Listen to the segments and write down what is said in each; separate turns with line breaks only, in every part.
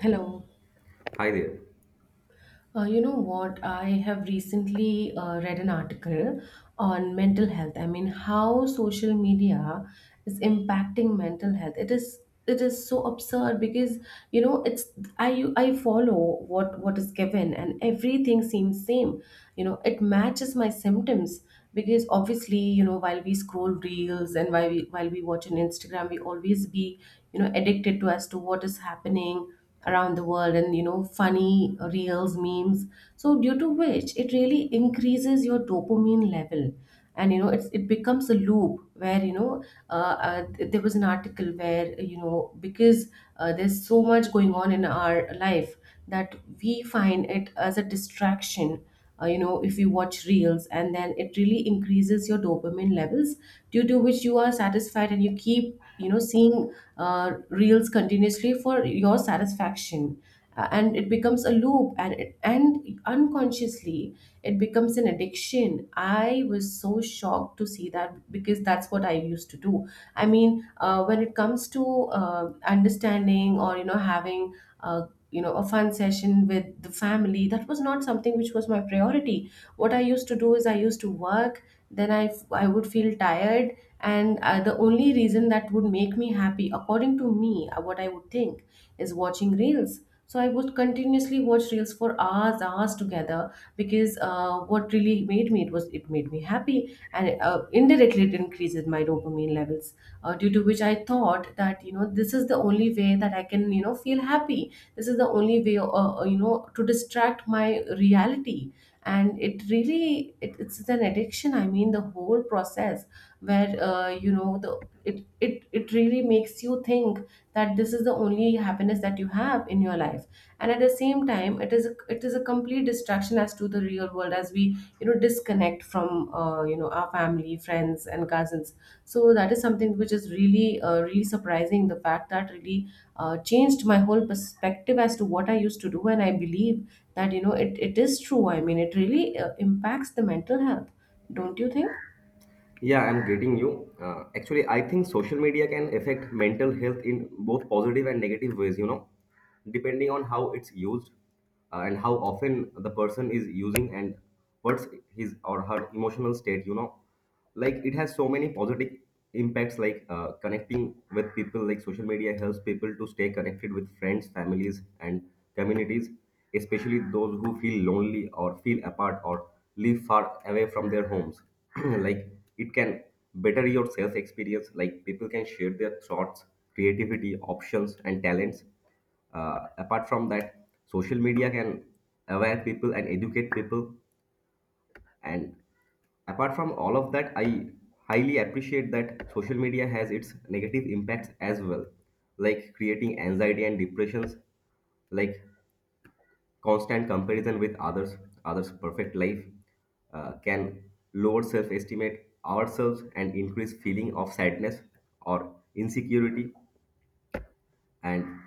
Hello.
Hi there.
You know what? I have recently read an article on mental health. I mean, how social media is impacting mental health. It is so absurd because you know it's I follow what is given, and everything seems same. It matches my symptoms because obviously while we scroll reels, and while we watch on Instagram, we always be addicted to as to what is happening around the world, and funny reels, memes. So due to which it really increases your dopamine level. And it becomes a loop where uh, there was an article where because there's so much going on in our life that we find it as a distraction. If you watch reels, and then it really increases your dopamine levels, due to which you are satisfied, and you keep seeing reels continuously for your satisfaction. And it becomes a loop. And unconsciously, it becomes an addiction. I was so shocked to see that because that's what I used to do. I mean, when it comes to uh, understanding, or having uh, a fun session with the family, that was not something which was my priority. What I used to do is I used to work, then I would feel tired. And the only reason that would make me happy according to me, what I would think, is watching reels. So I would continuously watch reels for hours hours together, because what really made me, it was it made me happy. And indirectly, it increases my dopamine levels, due to which I thought that this is the only way that I can feel happy. This is the only way to distract my reality. And it really it's an addiction. I mean, the whole process where it really makes you think that this is the only happiness that you have in your life. And at the same time, it is a complete distraction as to the real world, as we disconnect from our family, friends and cousins. So that is something which is really really surprising. The fact that really changed my whole perspective as to what I used to do. And I believe that it is true. I mean, it really impacts the mental health, don't you think?
Yeah, I'm greeting you. Actually, I think social media can affect mental health in both positive and negative ways, you know, depending on how it's used and how often the person is using and what's his or her emotional state, you know. Like it has so many positive impacts like connecting with people, like social media helps people to stay connected with friends, families, and communities, especially those who feel lonely or feel apart or live far away from their homes. Like it can better your self experience, like people can share their thoughts, creativity options, and talents. Apart from that, social media can aware people and educate people. And apart from all of that, I highly appreciate that social media has its negative impacts as well, like creating anxiety and depressions, like constant comparison with others, others' perfect life, can lower self-estimate ourselves and increase feeling of sadness or insecurity and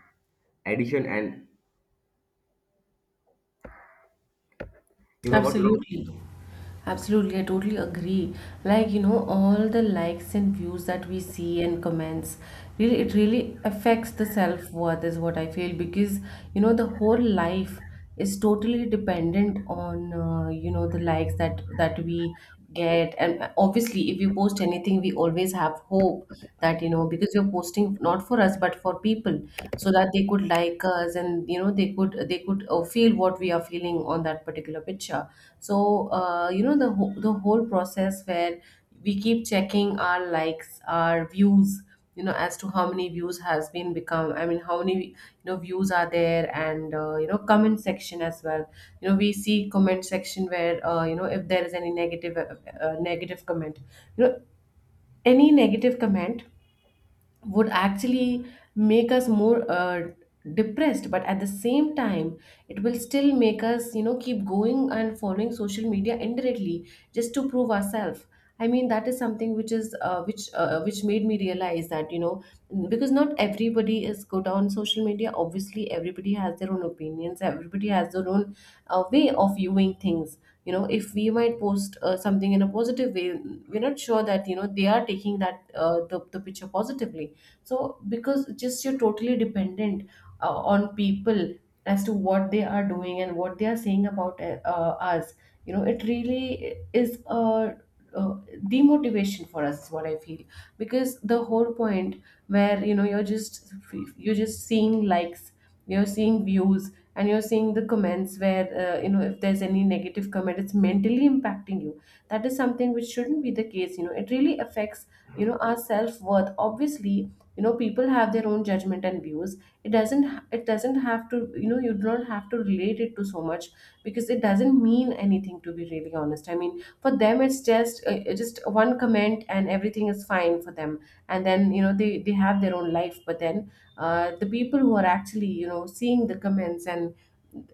addition and you know what?
Absolutely. Absolutely. Absolutely, I totally agree. Like, all the likes and views that we see and comments, really, it really affects the self-worth, is what I feel. Because, the whole life is totally dependent on, the likes that we get. And obviously, if you post anything, we always have hope that, because you're posting not for us, but for people, so that they could like us, and they could feel what we are feeling on that particular picture. So the whole process where we keep checking our likes, our views, as to how many views has been become. I mean, how many views are there. And comment section as well, we see comment section where if there is any negative negative comment, any negative comment would actually make us more depressed. But at the same time, it will still make us keep going and following social media indirectly, just to prove ourselves. I mean, that is something which is which made me realize that, because not everybody is good on social media. Obviously, everybody has their own opinions, everybody has their own way of viewing things. If we might post something in a positive way, we're not sure that they are taking that, the picture, positively. So because just you're totally dependent on people, as to what they are doing and what they are saying about us. It really is a uh, demotivation for us, is what I feel. Because the whole point where you're just seeing likes, you're seeing views, and you're seeing the comments where if there's any negative comment, it's mentally impacting you. That is something which shouldn't be the case. It really affects our self worth. Obviously, people have their own judgment and views. It doesn't it doesn't have to, you do not have to relate it to so much, because it doesn't mean anything, to be really honest. I mean, for them it's just one comment and everything is fine for them. And then they have their own life. But then the people who are actually seeing the comments, and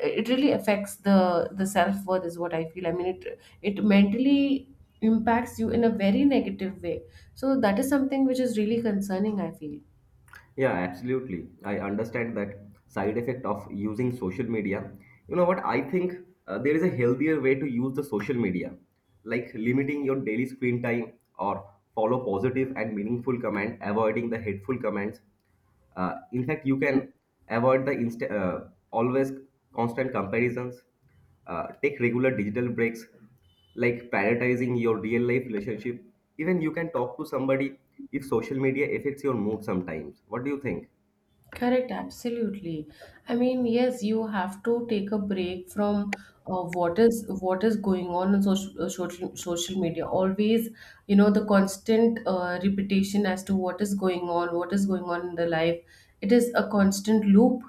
it really affects the self worth, is what I feel. I mean, it mentally impacts you in a very negative way. So that is something which is really concerning, I feel.
Yeah, absolutely. I understand that side effect of using social media. You know what? I think there is a healthier way to use the social media, like limiting your daily screen time or follow positive and meaningful comment, avoiding the hateful comments. In fact, you can avoid the always constant comparisons. Take regular digital breaks, like prioritizing your real life relationship. Even you can talk to somebody if social media affects your mood sometimes. What do you think?
Correct, absolutely. I mean, yes, you have to take a break from what is going on in social media. Always, the constant repetition as to what is going on, what is going on in the life. It is a constant loop.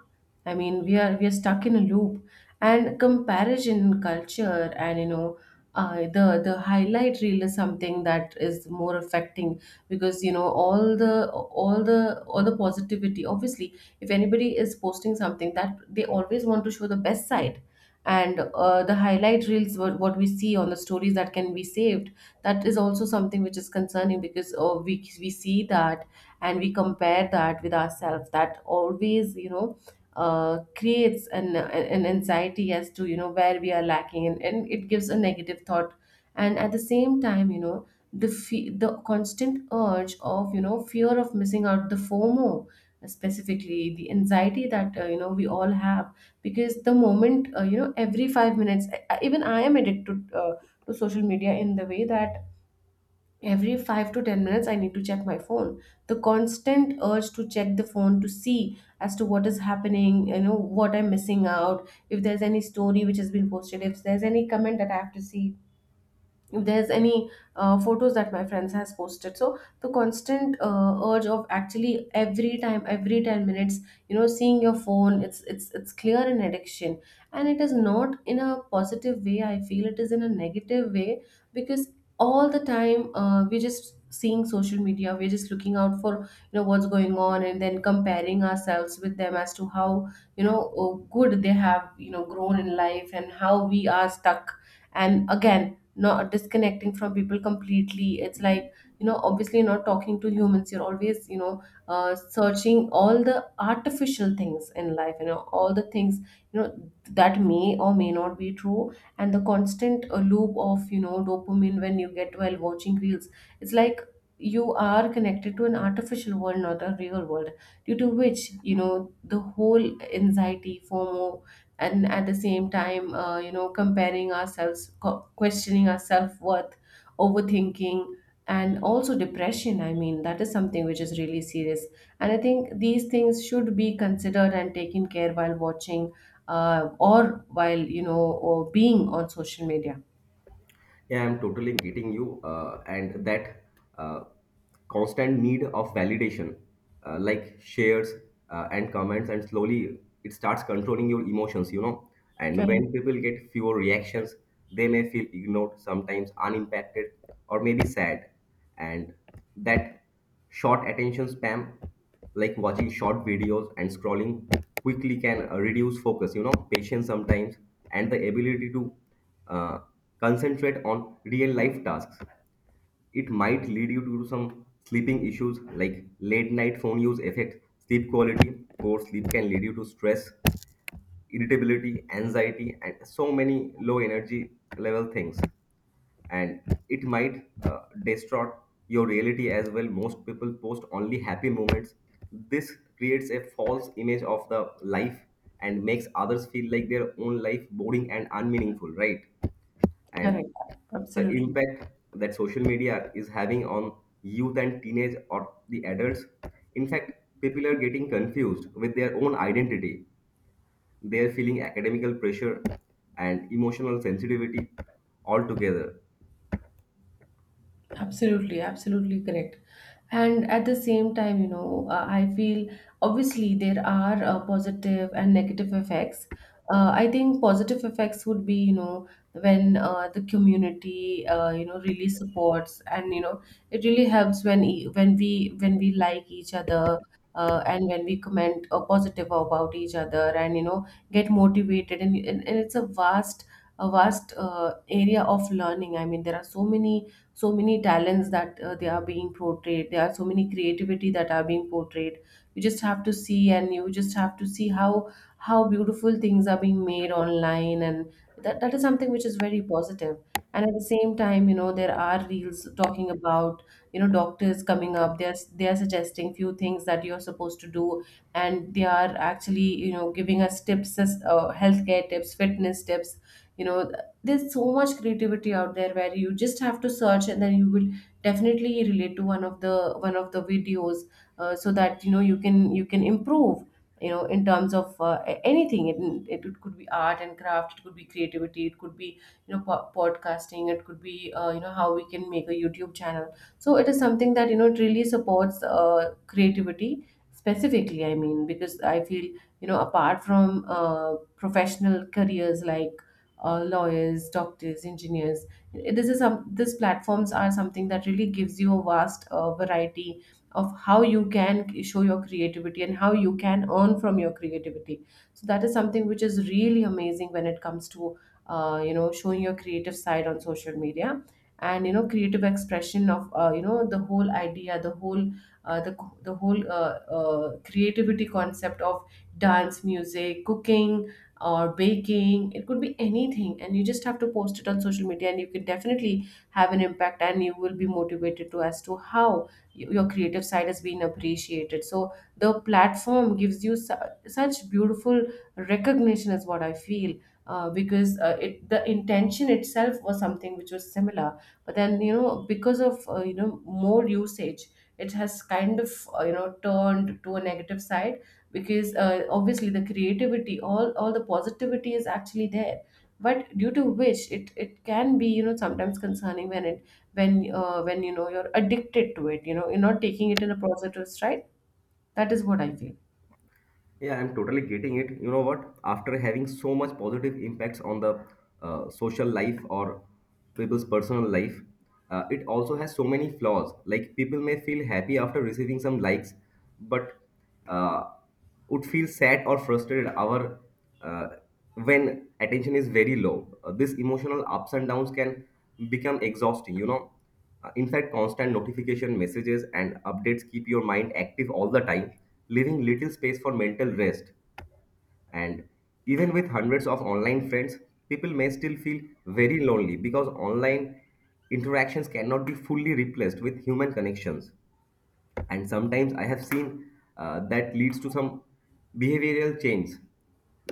I mean, we are stuck in a loop, and comparison culture, and, the highlight reel is something that is more affecting. Because all the positivity, obviously, if anybody is posting something, that they always want to show the best side. And the highlight reels, what we see on the stories that can be saved, that is also something which is concerning. Because we see that, and we compare that with ourselves, that always creates an anxiety as to, where we are lacking, and it gives a negative thought. And at the same time, the constant urge of, fear of missing out, the FOMO, specifically the anxiety that we all have. Because the moment, every 5 minutes, even I am addicted to social media, in the way that every 5 to 10 minutes I need to check my phone. The constant urge to check the phone, to see as to what is happening, what I'm missing out, if there's any story which has been posted, if there's any comment that I have to see, if there's any photos that my friends has posted. So the constant urge of actually every time, every 10 minutes, seeing your phone, it's clear an addiction. And it is not in a positive way, I feel. It is in a negative way. Because all the time, we're just seeing social media, we're just looking out for what's going on, and then comparing ourselves with them as to how, good they have grown in life, and how we are stuck. And again, not disconnecting from people completely. It's like, obviously not talking to humans, you're always, searching all the artificial things in life, all the things, that may or may not be true. And the constant loop of, dopamine when you get while watching reels. It's like you are connected to an artificial world, not a real world. Due to which, the whole anxiety, FOMO. And at the same time, comparing ourselves, questioning our self-worth, overthinking, and also depression. I mean, that is something which is really serious. And I think these things should be considered and taken care while watching, or while, or being on social media.
Yeah, I'm totally getting you, and that uh, constant need of validation, like shares and comments, and slowly it starts controlling your emotions, you know. And
Correct.
when people get fewer reactions, they may feel ignored, sometimes unimpacted, or maybe sad. And that short attention spam, like watching short videos and scrolling quickly can reduce focus, you know, patience sometimes, and the ability to uh, concentrate on real life tasks. It might lead you to some sleeping issues like late night phone use effect, sleep quality, poor sleep can lead you to stress, irritability, anxiety, and so many low energy level things, and it might distort your reality as well. Most people post only happy moments. This creates a false image of the life and makes others feel like their own life boring and unmeaningful, right? And
Correct.
the
Absolutely.
impact that social media is having on youth and teenage or the adults, in fact people are getting confused with their own identity, they are feeling academical pressure and emotional sensitivity altogether.
Absolutely, absolutely correct. And at the same time, I feel obviously there are positive and negative effects. I think positive effects would be, when the community, really supports, and, it really helps when when we like each other. And when we comment positive about each other, and get motivated, and it's a vast, area of learning. I mean, there are so many so many talents that they are being portrayed. There are so many creativity that are being portrayed. You just have to see, and you just have to see how beautiful things are being made online, and that is something which is very positive. And at the same time, you know, there are reels talking about, you know, doctors coming up. They're suggesting few things that you're supposed to do, and they are actually, you know, giving us tips healthcare tips, fitness tips, you know. There's so much creativity out there where you just have to search, and then you will definitely relate to one of the videos, so that, you know, you can improve you know, in terms of anything. It could be art and craft, it could be creativity, it could be, you know, podcasting, it could be, you know, how we can make a YouTube channel. So it is something that, you know, it really supports creativity specifically, I mean, because I feel, you know, apart from professional careers like lawyers, doctors, engineers. This is some these platforms are something that really gives you a vast variety of how you can show your creativity and how you can earn from your creativity. So that is something which is really amazing when it comes to, you know, showing your creative side on social media, and, you know, creative expression of, you know, the whole idea, the whole uh, the the whole creativity concept of dance, music, cooking, or baking. It could be anything, and you just have to post it on social media, and you can definitely have an impact, and you will be motivated to as to how your creative side has been appreciated. So the platform gives you such beautiful recognition is what I feel, because it the intention itself was something which was similar. But then, you know, because of, you know, more usage, it has kind of you know, turned to a negative side, because obviously the creativity, all the positivity is actually there, but due to which it can be, you know, sometimes concerning when it when when you know, you're addicted to it, you know, you're not taking it in a positive stride. That is what I feel.
Yeah, I'm totally getting it. You know what? After having so much positive impacts on the social life or people's personal life, it also has so many flaws. Like people may feel happy after receiving some likes, but uh, would feel sad or frustrated our uh, when attention is very low. This emotional ups and downs can become exhausting. You know, in fact, constant notification messages and updates keep your mind active all the time, leaving little space for mental rest. And even with hundreds of online friends, people may still feel very lonely because online interactions cannot be fully replaced with human connections. And sometimes I have seen that leads to some behavioral change,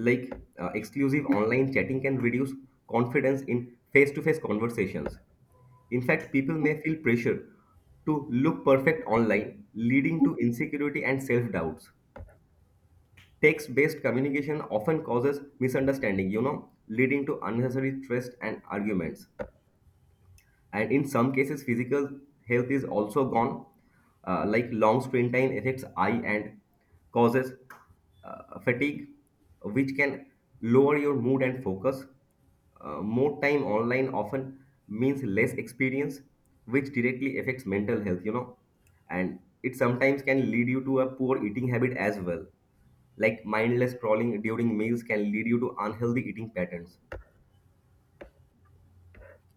like exclusive online chatting can reduce confidence in face-to-face conversations. In fact, people may feel pressure to look perfect online, leading to insecurity and self-doubts. Text-based communication often causes misunderstanding, you know, leading to unnecessary stress and arguments. And in some cases, physical health is also gone. Like long screen time affects eye and causes fatigue which can lower your mood and focus. More time online often means less experience, which directly affects mental health, you know, and it sometimes can lead you to a poor eating habit as well, like mindless scrolling during meals can lead you to unhealthy eating patterns.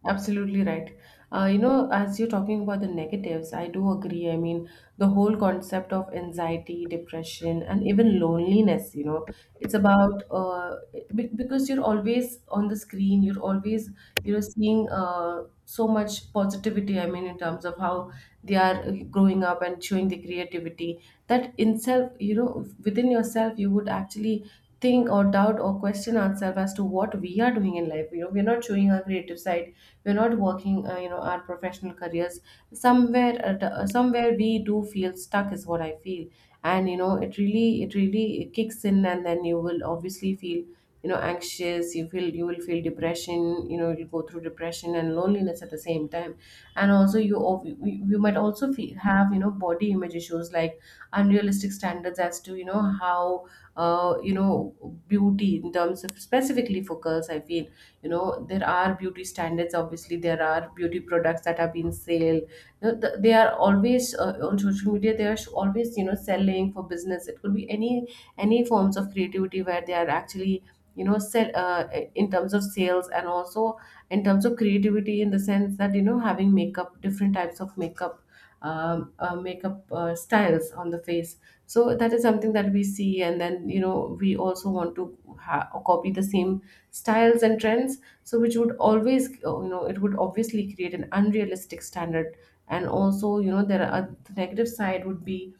Absolutely right. You know, as you're talking about the negatives, I do agree. I mean, the whole concept of anxiety, depression, and even loneliness, you know, it's about, because you're always on the screen, you're always, you know, seeing so much positivity. I mean, in terms of how they are growing up and showing the creativity, that in self, you know, within yourself, you would actually think or doubt or question ourselves as to what we are doing in life. You know, we're not showing our creative side, we're not working, you know, our professional careers. Somewhere somewhere we do feel stuck is what I feel. And you know, it really kicks in, and then you will obviously feel, you know, anxious. You will feel depression, you know, you'll go through depression and loneliness at the same time. And also you you might also feel, have, you know, body image issues, like unrealistic standards, as to, you know, how, you know, beauty in terms of, specifically for girls I feel, you know, there are beauty standards. Obviously there are beauty products that are being sale, you know, they are always, on social media they are always, you know, selling for business. It could be any forms of creativity where they are actually, you know, sell, in terms of sales, and also in terms of creativity, in the sense that, you know, having makeup, different types of makeup, makeup styles on the face. So that is something that we see, and then, you know, we also want to copy the same styles and trends, so which would always, you know, it would obviously create an unrealistic standard. And also, you know, there are, the negative side would be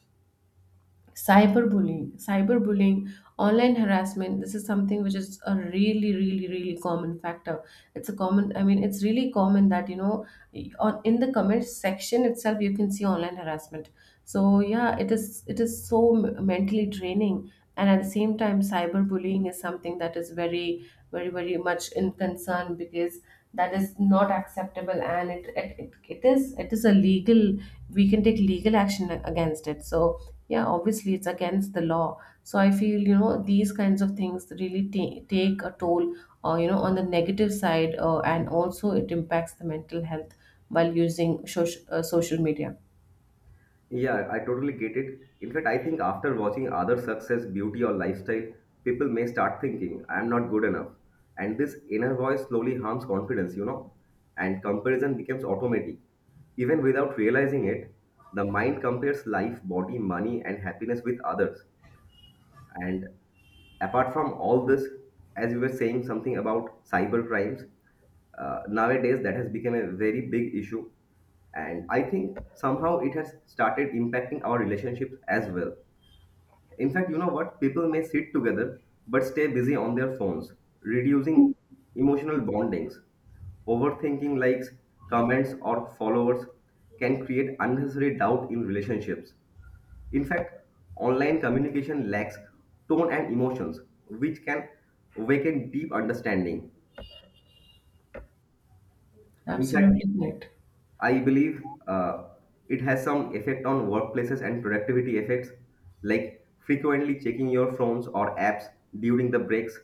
cyberbullying. Cyberbullying, online harassment, this is something which is a really really common factor. It's a common, I mean, it's really common that, you know, on in the comment section itself you can see online harassment. So yeah, it is so mentally draining. And at the same time, cyberbullying is something that is very very much in concern, because that is not acceptable, and it is a legal, we can take legal action against it. So yeah, obviously it's against the law. So I feel, you know, these kinds of things really take a toll, you know, on the negative side, and also it impacts the mental health while using social media.
Yeah, I totally get it. In fact, I think after watching other success, beauty, or lifestyle, people may start thinking, I'm not good enough. And this inner voice slowly harms confidence, you know, and comparison becomes automatic. Even without realizing it, the mind compares life, body, money, and happiness with others. And apart from all this, as you were saying something about cyber crimes, nowadays that has become a very big issue. And I think somehow it has started impacting our relationships as well. In fact, you know what? People may sit together but stay busy on their phones, reducing emotional bondings. Overthinking likes, comments, or followers can create unnecessary doubt in relationships. In fact, online communication lacks tone and emotions, which can awaken deep understanding. In fact,
Absolutely correct.
I believe it has some effect on workplaces and productivity effects, like frequently checking your phones or apps during the breaks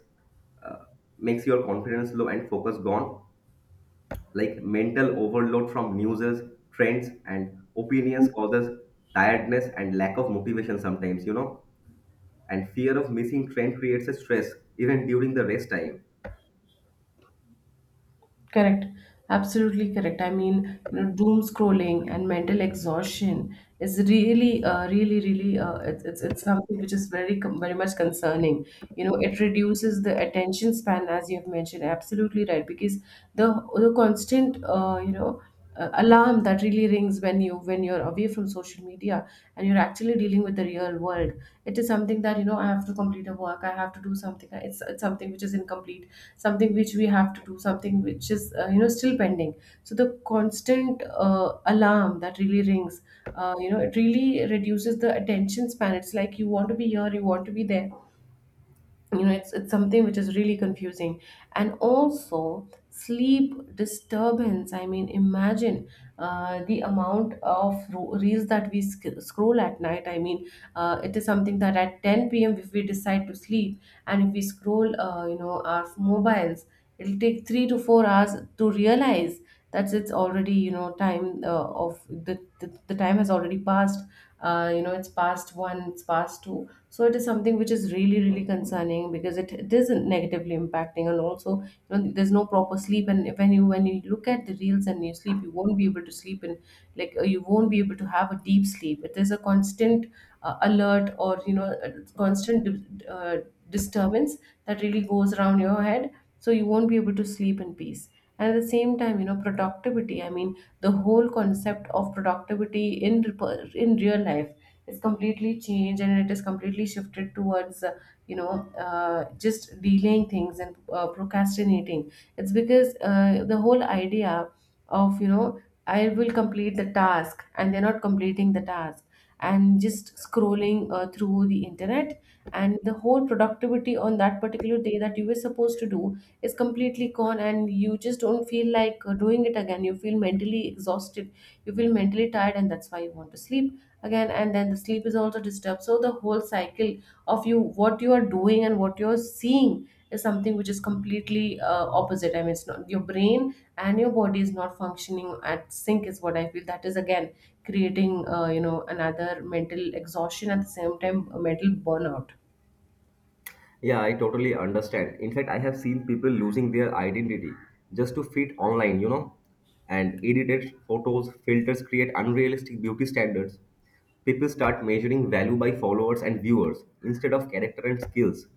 uh, makes your confidence low and focus gone. Like mental overload from newses, trends, and opinions causes tiredness and lack of motivation sometimes, you know. And fear of missing train creates a stress even during the rest time.
Correct. Absolutely correct. I mean, you know, doom scrolling and mental exhaustion is really, really, it's something which is very, very much concerning. You know, it reduces the attention span, as you have mentioned. Absolutely right, because the the constant, alarm that really rings when you're away from social media and you're actually dealing with the real world. It is something that, you know, I have to complete a work, I have to do something. It's something which is incomplete, something which we have to do, something which is, you know, still pending. So the constant alarm that really rings, you know, it really reduces the attention span. It's like you want to be here, you want to be there. You know, it's something which is really confusing. And also sleep disturbance. I mean, imagine, the amount of reels that we scroll at night. I mean, it is something that at 10 p.m. if we decide to sleep, and if we scroll, you know, our mobiles, it'll take 3 to 4 hours to realize that it's already, you know, time, of the time has already passed. You know, it's past one, it's past two. So it is something which is really really concerning, because it is negatively impacting. And also, you know, there's no proper sleep. And when you look at the reels and you sleep, you won't be able to sleep in, like, you won't be able to have a deep sleep. It is a constant alert, or, you know, a constant disturbance that really goes around your head. So you won't be able to sleep in peace. And at the same time, you know, productivity. I mean, the whole concept of productivity in real life is completely changed, and it is completely shifted towards, just delaying things and procrastinating. It's because, the whole idea of, you know, I will complete the task, and they're not completing the task, and just scrolling, through the internet. And the whole productivity on that particular day that you were supposed to do is completely gone, and you just don't feel like, doing it again. You feel mentally exhausted, you feel mentally tired, and that's why you want to sleep again, and then the sleep is also disturbed. So the whole cycle of you what you are doing and what you're seeing is something which is completely opposite. I mean, it's not, your brain and your body is not functioning at sync is what I feel. That is again creating, you know, another mental exhaustion, at the same time a mental burnout.
Yeah, I totally understand. In fact, I have seen people losing their identity just to fit online, you know. And edited photos, filters create unrealistic beauty standards. People start measuring value by followers and viewers instead of character and skills.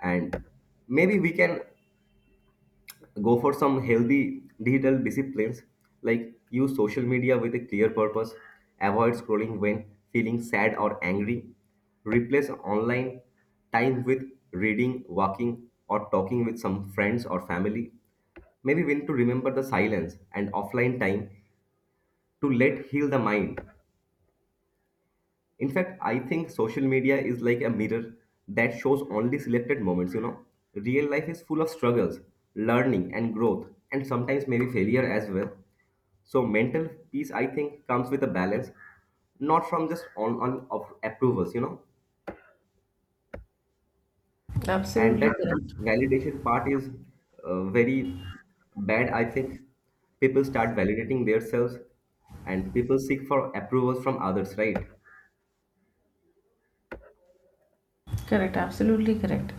And maybe we can go for some healthy digital disciplines, like use social media with a clear purpose, avoid scrolling when feeling sad or angry, replace online time with reading, walking, or talking with some friends or family. Maybe when to remember the silence and offline time to let heal the mind. In fact, I think social media is like a mirror that shows only selected moments, you know. Real life is full of struggles, learning, and growth, and sometimes maybe failure as well. So mental peace, I think, comes with a balance, not from just on of approvals, you know. And
Absolutely
that
correct.
validation part is very bad, I think. People start validating themselves and people seek for approvals from others, right?
Correct, absolutely correct.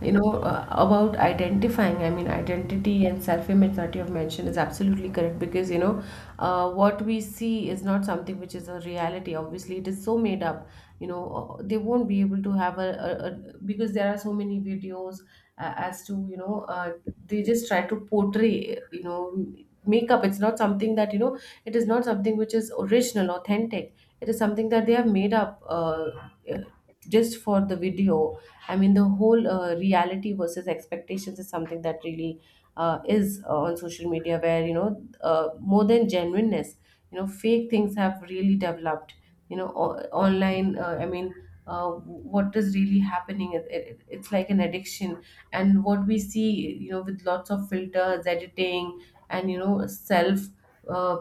You know, about identifying, I mean, identity and self-image that you have mentioned is absolutely correct, because, you know, what we see is not something which is a reality. Obviously, it is so made up. You know, they won't be able to have a, because there are so many videos, as to, you know, they just try to portray, you know, makeup. It's not something that, you know, it is not something which is original, authentic. It is something that they have made up. Just for the video. I mean, the whole reality versus expectations is something that really is on social media where more than genuineness, you know, fake things have really developed, you know, online. I mean, what is really happening, it's like an addiction. And what we see, you know, with lots of filters, editing, and you know, self uh,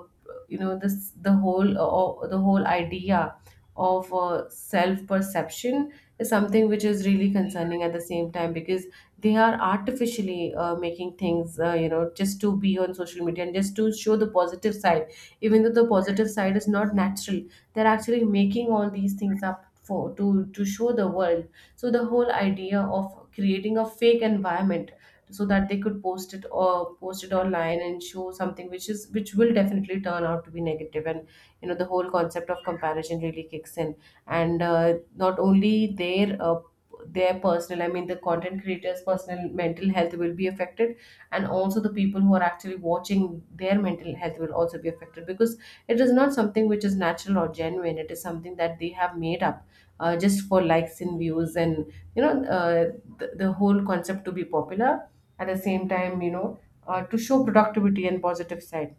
you know, this, the whole idea of self perception is something which is really concerning at the same time, because they are artificially making things, you know, just to be on social media and just to show the positive side, even though the positive side is not natural. They're actually making all these things up for, to show the world. So the whole idea of creating a fake environment so that they could post it online and show something which is, which will definitely turn out to be negative. And you know, the whole concept of comparison really kicks in. And not only their their personal, I mean the content creator's personal mental health will be affected, and also the people who are actually watching, their mental health will also be affected, because it is not something which is natural or genuine. It is something that they have made up just for likes and views, and you know, the whole concept to be popular. At the same time, you know, to show productivity and positive side.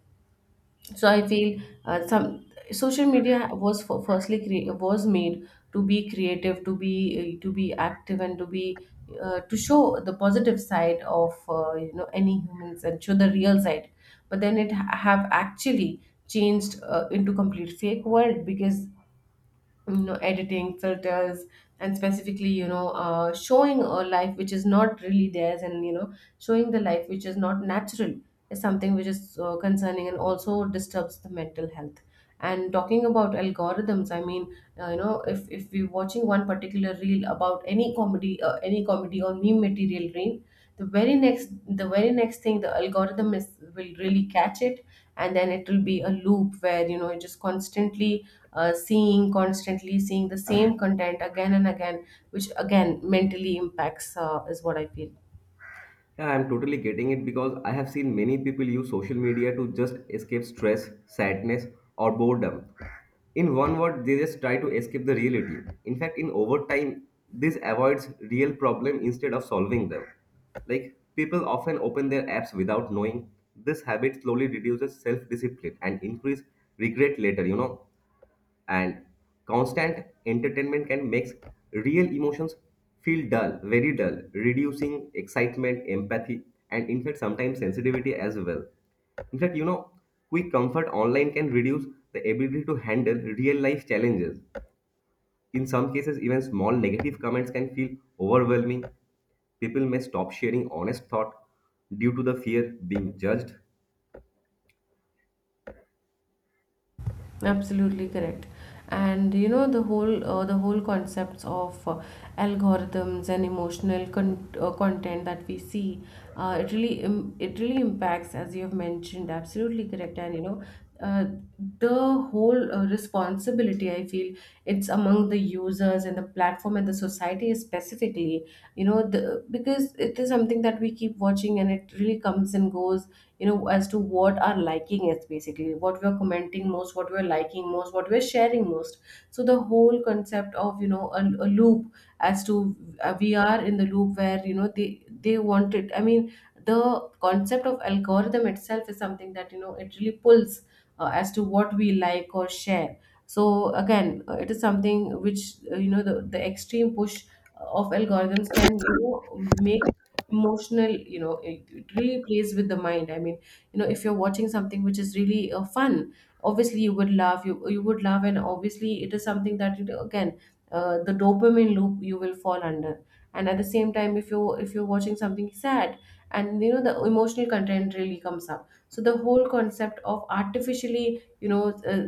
So I feel some, social media was was made to be creative, to be active, and to be to show the positive side of, you know, any humans, and show the real side. But then it have actually changed into complete fake world, because you know, editing, filters, and specifically, you know, showing a life which is not really theirs, and you know, showing the life which is not natural, is something which is concerning, and also disturbs the mental health. And talking about algorithms, I mean, you know, if we're watching one particular reel about any comedy, any comedy or meme material reel, the very next the very next thing, the algorithm is will really catch it. And then it will be a loop where you know, you're just constantly seeing constantly seeing the same content again and again, which again mentally impacts, is what I feel.
Yeah, I'm totally getting it because I have seen many people use social media to just escape stress, sadness, or boredom. In one word, they just try to escape the reality. In fact, in overtime, this avoids real problem instead of solving them. Like people often open their apps without knowing. This habit slowly reduces self-discipline and increase regret later, you know, and constant entertainment can make real emotions feel dull, very dull, reducing excitement, empathy, and in fact, sometimes sensitivity as well. In fact, you know, quick comfort online can reduce the ability to handle real life challenges. In some cases, even small negative comments can feel overwhelming. People may stop sharing honest thought due to the fear being judged.
Absolutely correct. And you know, the whole concepts of algorithms and emotional content that we see, it really impacts, as you have mentioned. Absolutely correct. And you know, uh, the whole responsibility, I feel, it's among the users and the platform and the society specifically. You know, the because it is something that we keep watching, and it really comes and goes, you know, as to what our liking is, basically what we're commenting most, what we're liking most, what we're sharing most. So the whole concept of, you know, a loop, as to we are in the loop where you know, they want it. I mean, the concept of algorithm itself is something that, you know, it really pulls as to what we like or share. So again, it is something which, you know, the extreme push of algorithms can, you know, make emotional, you know, it really plays with the mind. I mean, you know, if you're watching something which is really fun, obviously you would laugh, you would laugh, and obviously it is something that again, the dopamine loop you will fall under. And at the same time, if you if you're watching something sad, and you know, the emotional content really comes up. So the whole concept of artificially, you know,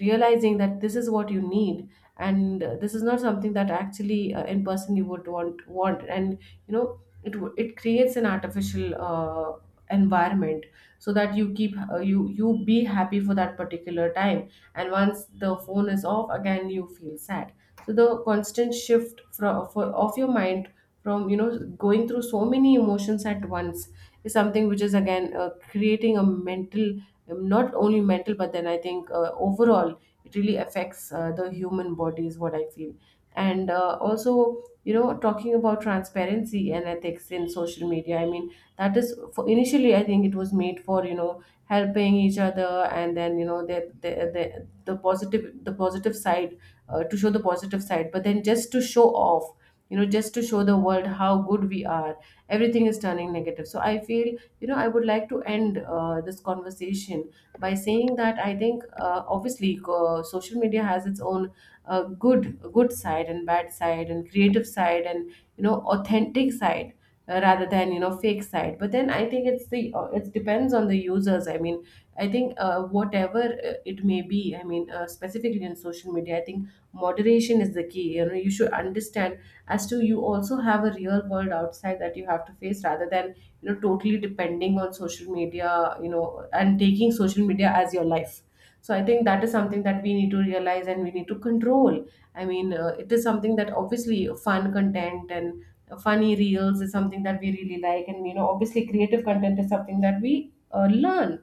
realizing that this is what you need, and this is not something that actually, in person you would want. And you know, it it creates an artificial environment, so that you keep you be happy for that particular time, and once the phone is off, again you feel sad. So the constant shift of your mind from, you know, going through so many emotions at once, is something which is again creating a mental, not only mental, but then I think overall it really affects the human body, is what I feel. And also, you know, talking about transparency and ethics in social media, I mean, that is for, initially I think it was made for, you know, helping each other. And then you know, the positive side, to show the positive side. But then just to show off, you know, just to show the world how good we are, everything is turning negative. So I feel, you know, I would like to end this conversation by saying that I think, obviously, social media has its own uh, good good side and bad side and creative side and you know authentic side, rather than you know fake side. But then I think it's the, it depends on the users. I mean, I think whatever it may be, I mean specifically in social media, I think moderation is the key. You know, you should understand as to you also have a real world outside that you have to face, rather than, you know, totally depending on social media, you know, and taking social media as your life. So I think that is something that we need to realize and we need to control. I mean, it is something that obviously fun content and funny reels is something that we really like, and you know, obviously creative content is something that we learn.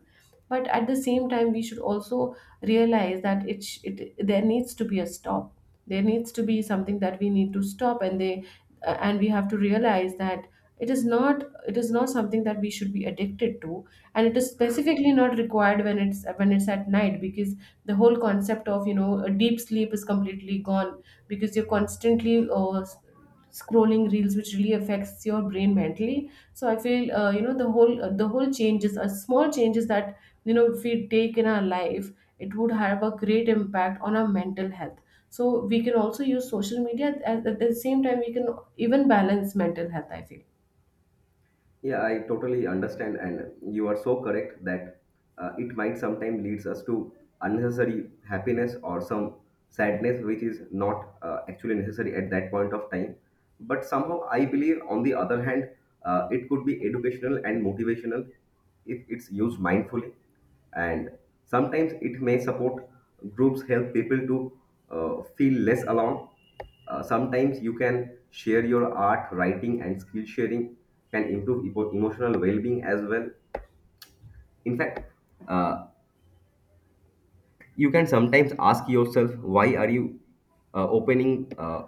But at the same time, we should also realize that it, there needs to be a stop. There needs to be something that we need to stop, and they and we have to realize that it is not something that we should be addicted to. And it is specifically not required when it's at night, because the whole concept of, you know, a deep sleep is completely gone, because you're constantly scrolling reels, which really affects your brain mentally. So I feel, you know, the whole changes are small changes that, you know, if we take in our life, it would have a great impact on our mental health. So we can also use social media, at the same time, we can even balance mental health, I feel.
Yeah, I totally understand, and you are so correct that it might sometimes leads us to unnecessary happiness or some sadness, which is not actually necessary at that point of time. But somehow, I believe, on the other hand, it could be educational and motivational if it's used mindfully, and sometimes it may support groups help people to feel less alone. Sometimes you can share your art, writing, and skill sharing can improve emotional well being as well. In fact, uh, you can sometimes ask yourself why are you opening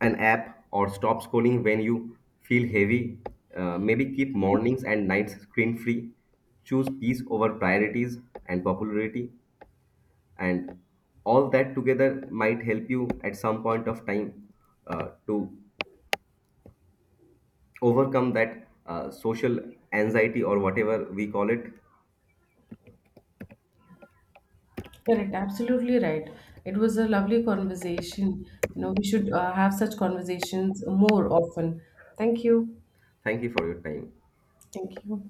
an app or stop scrolling when you feel heavy. Maybe keep mornings and nights screen free. Choose peace over priorities and popularity, and all that together might help you at some point of time to overcome that social anxiety or whatever we call it.
Correct, absolutely right. It was a lovely conversation. You know, we should have such conversations more often. Thank you.
Thank you for your time.
Thank you.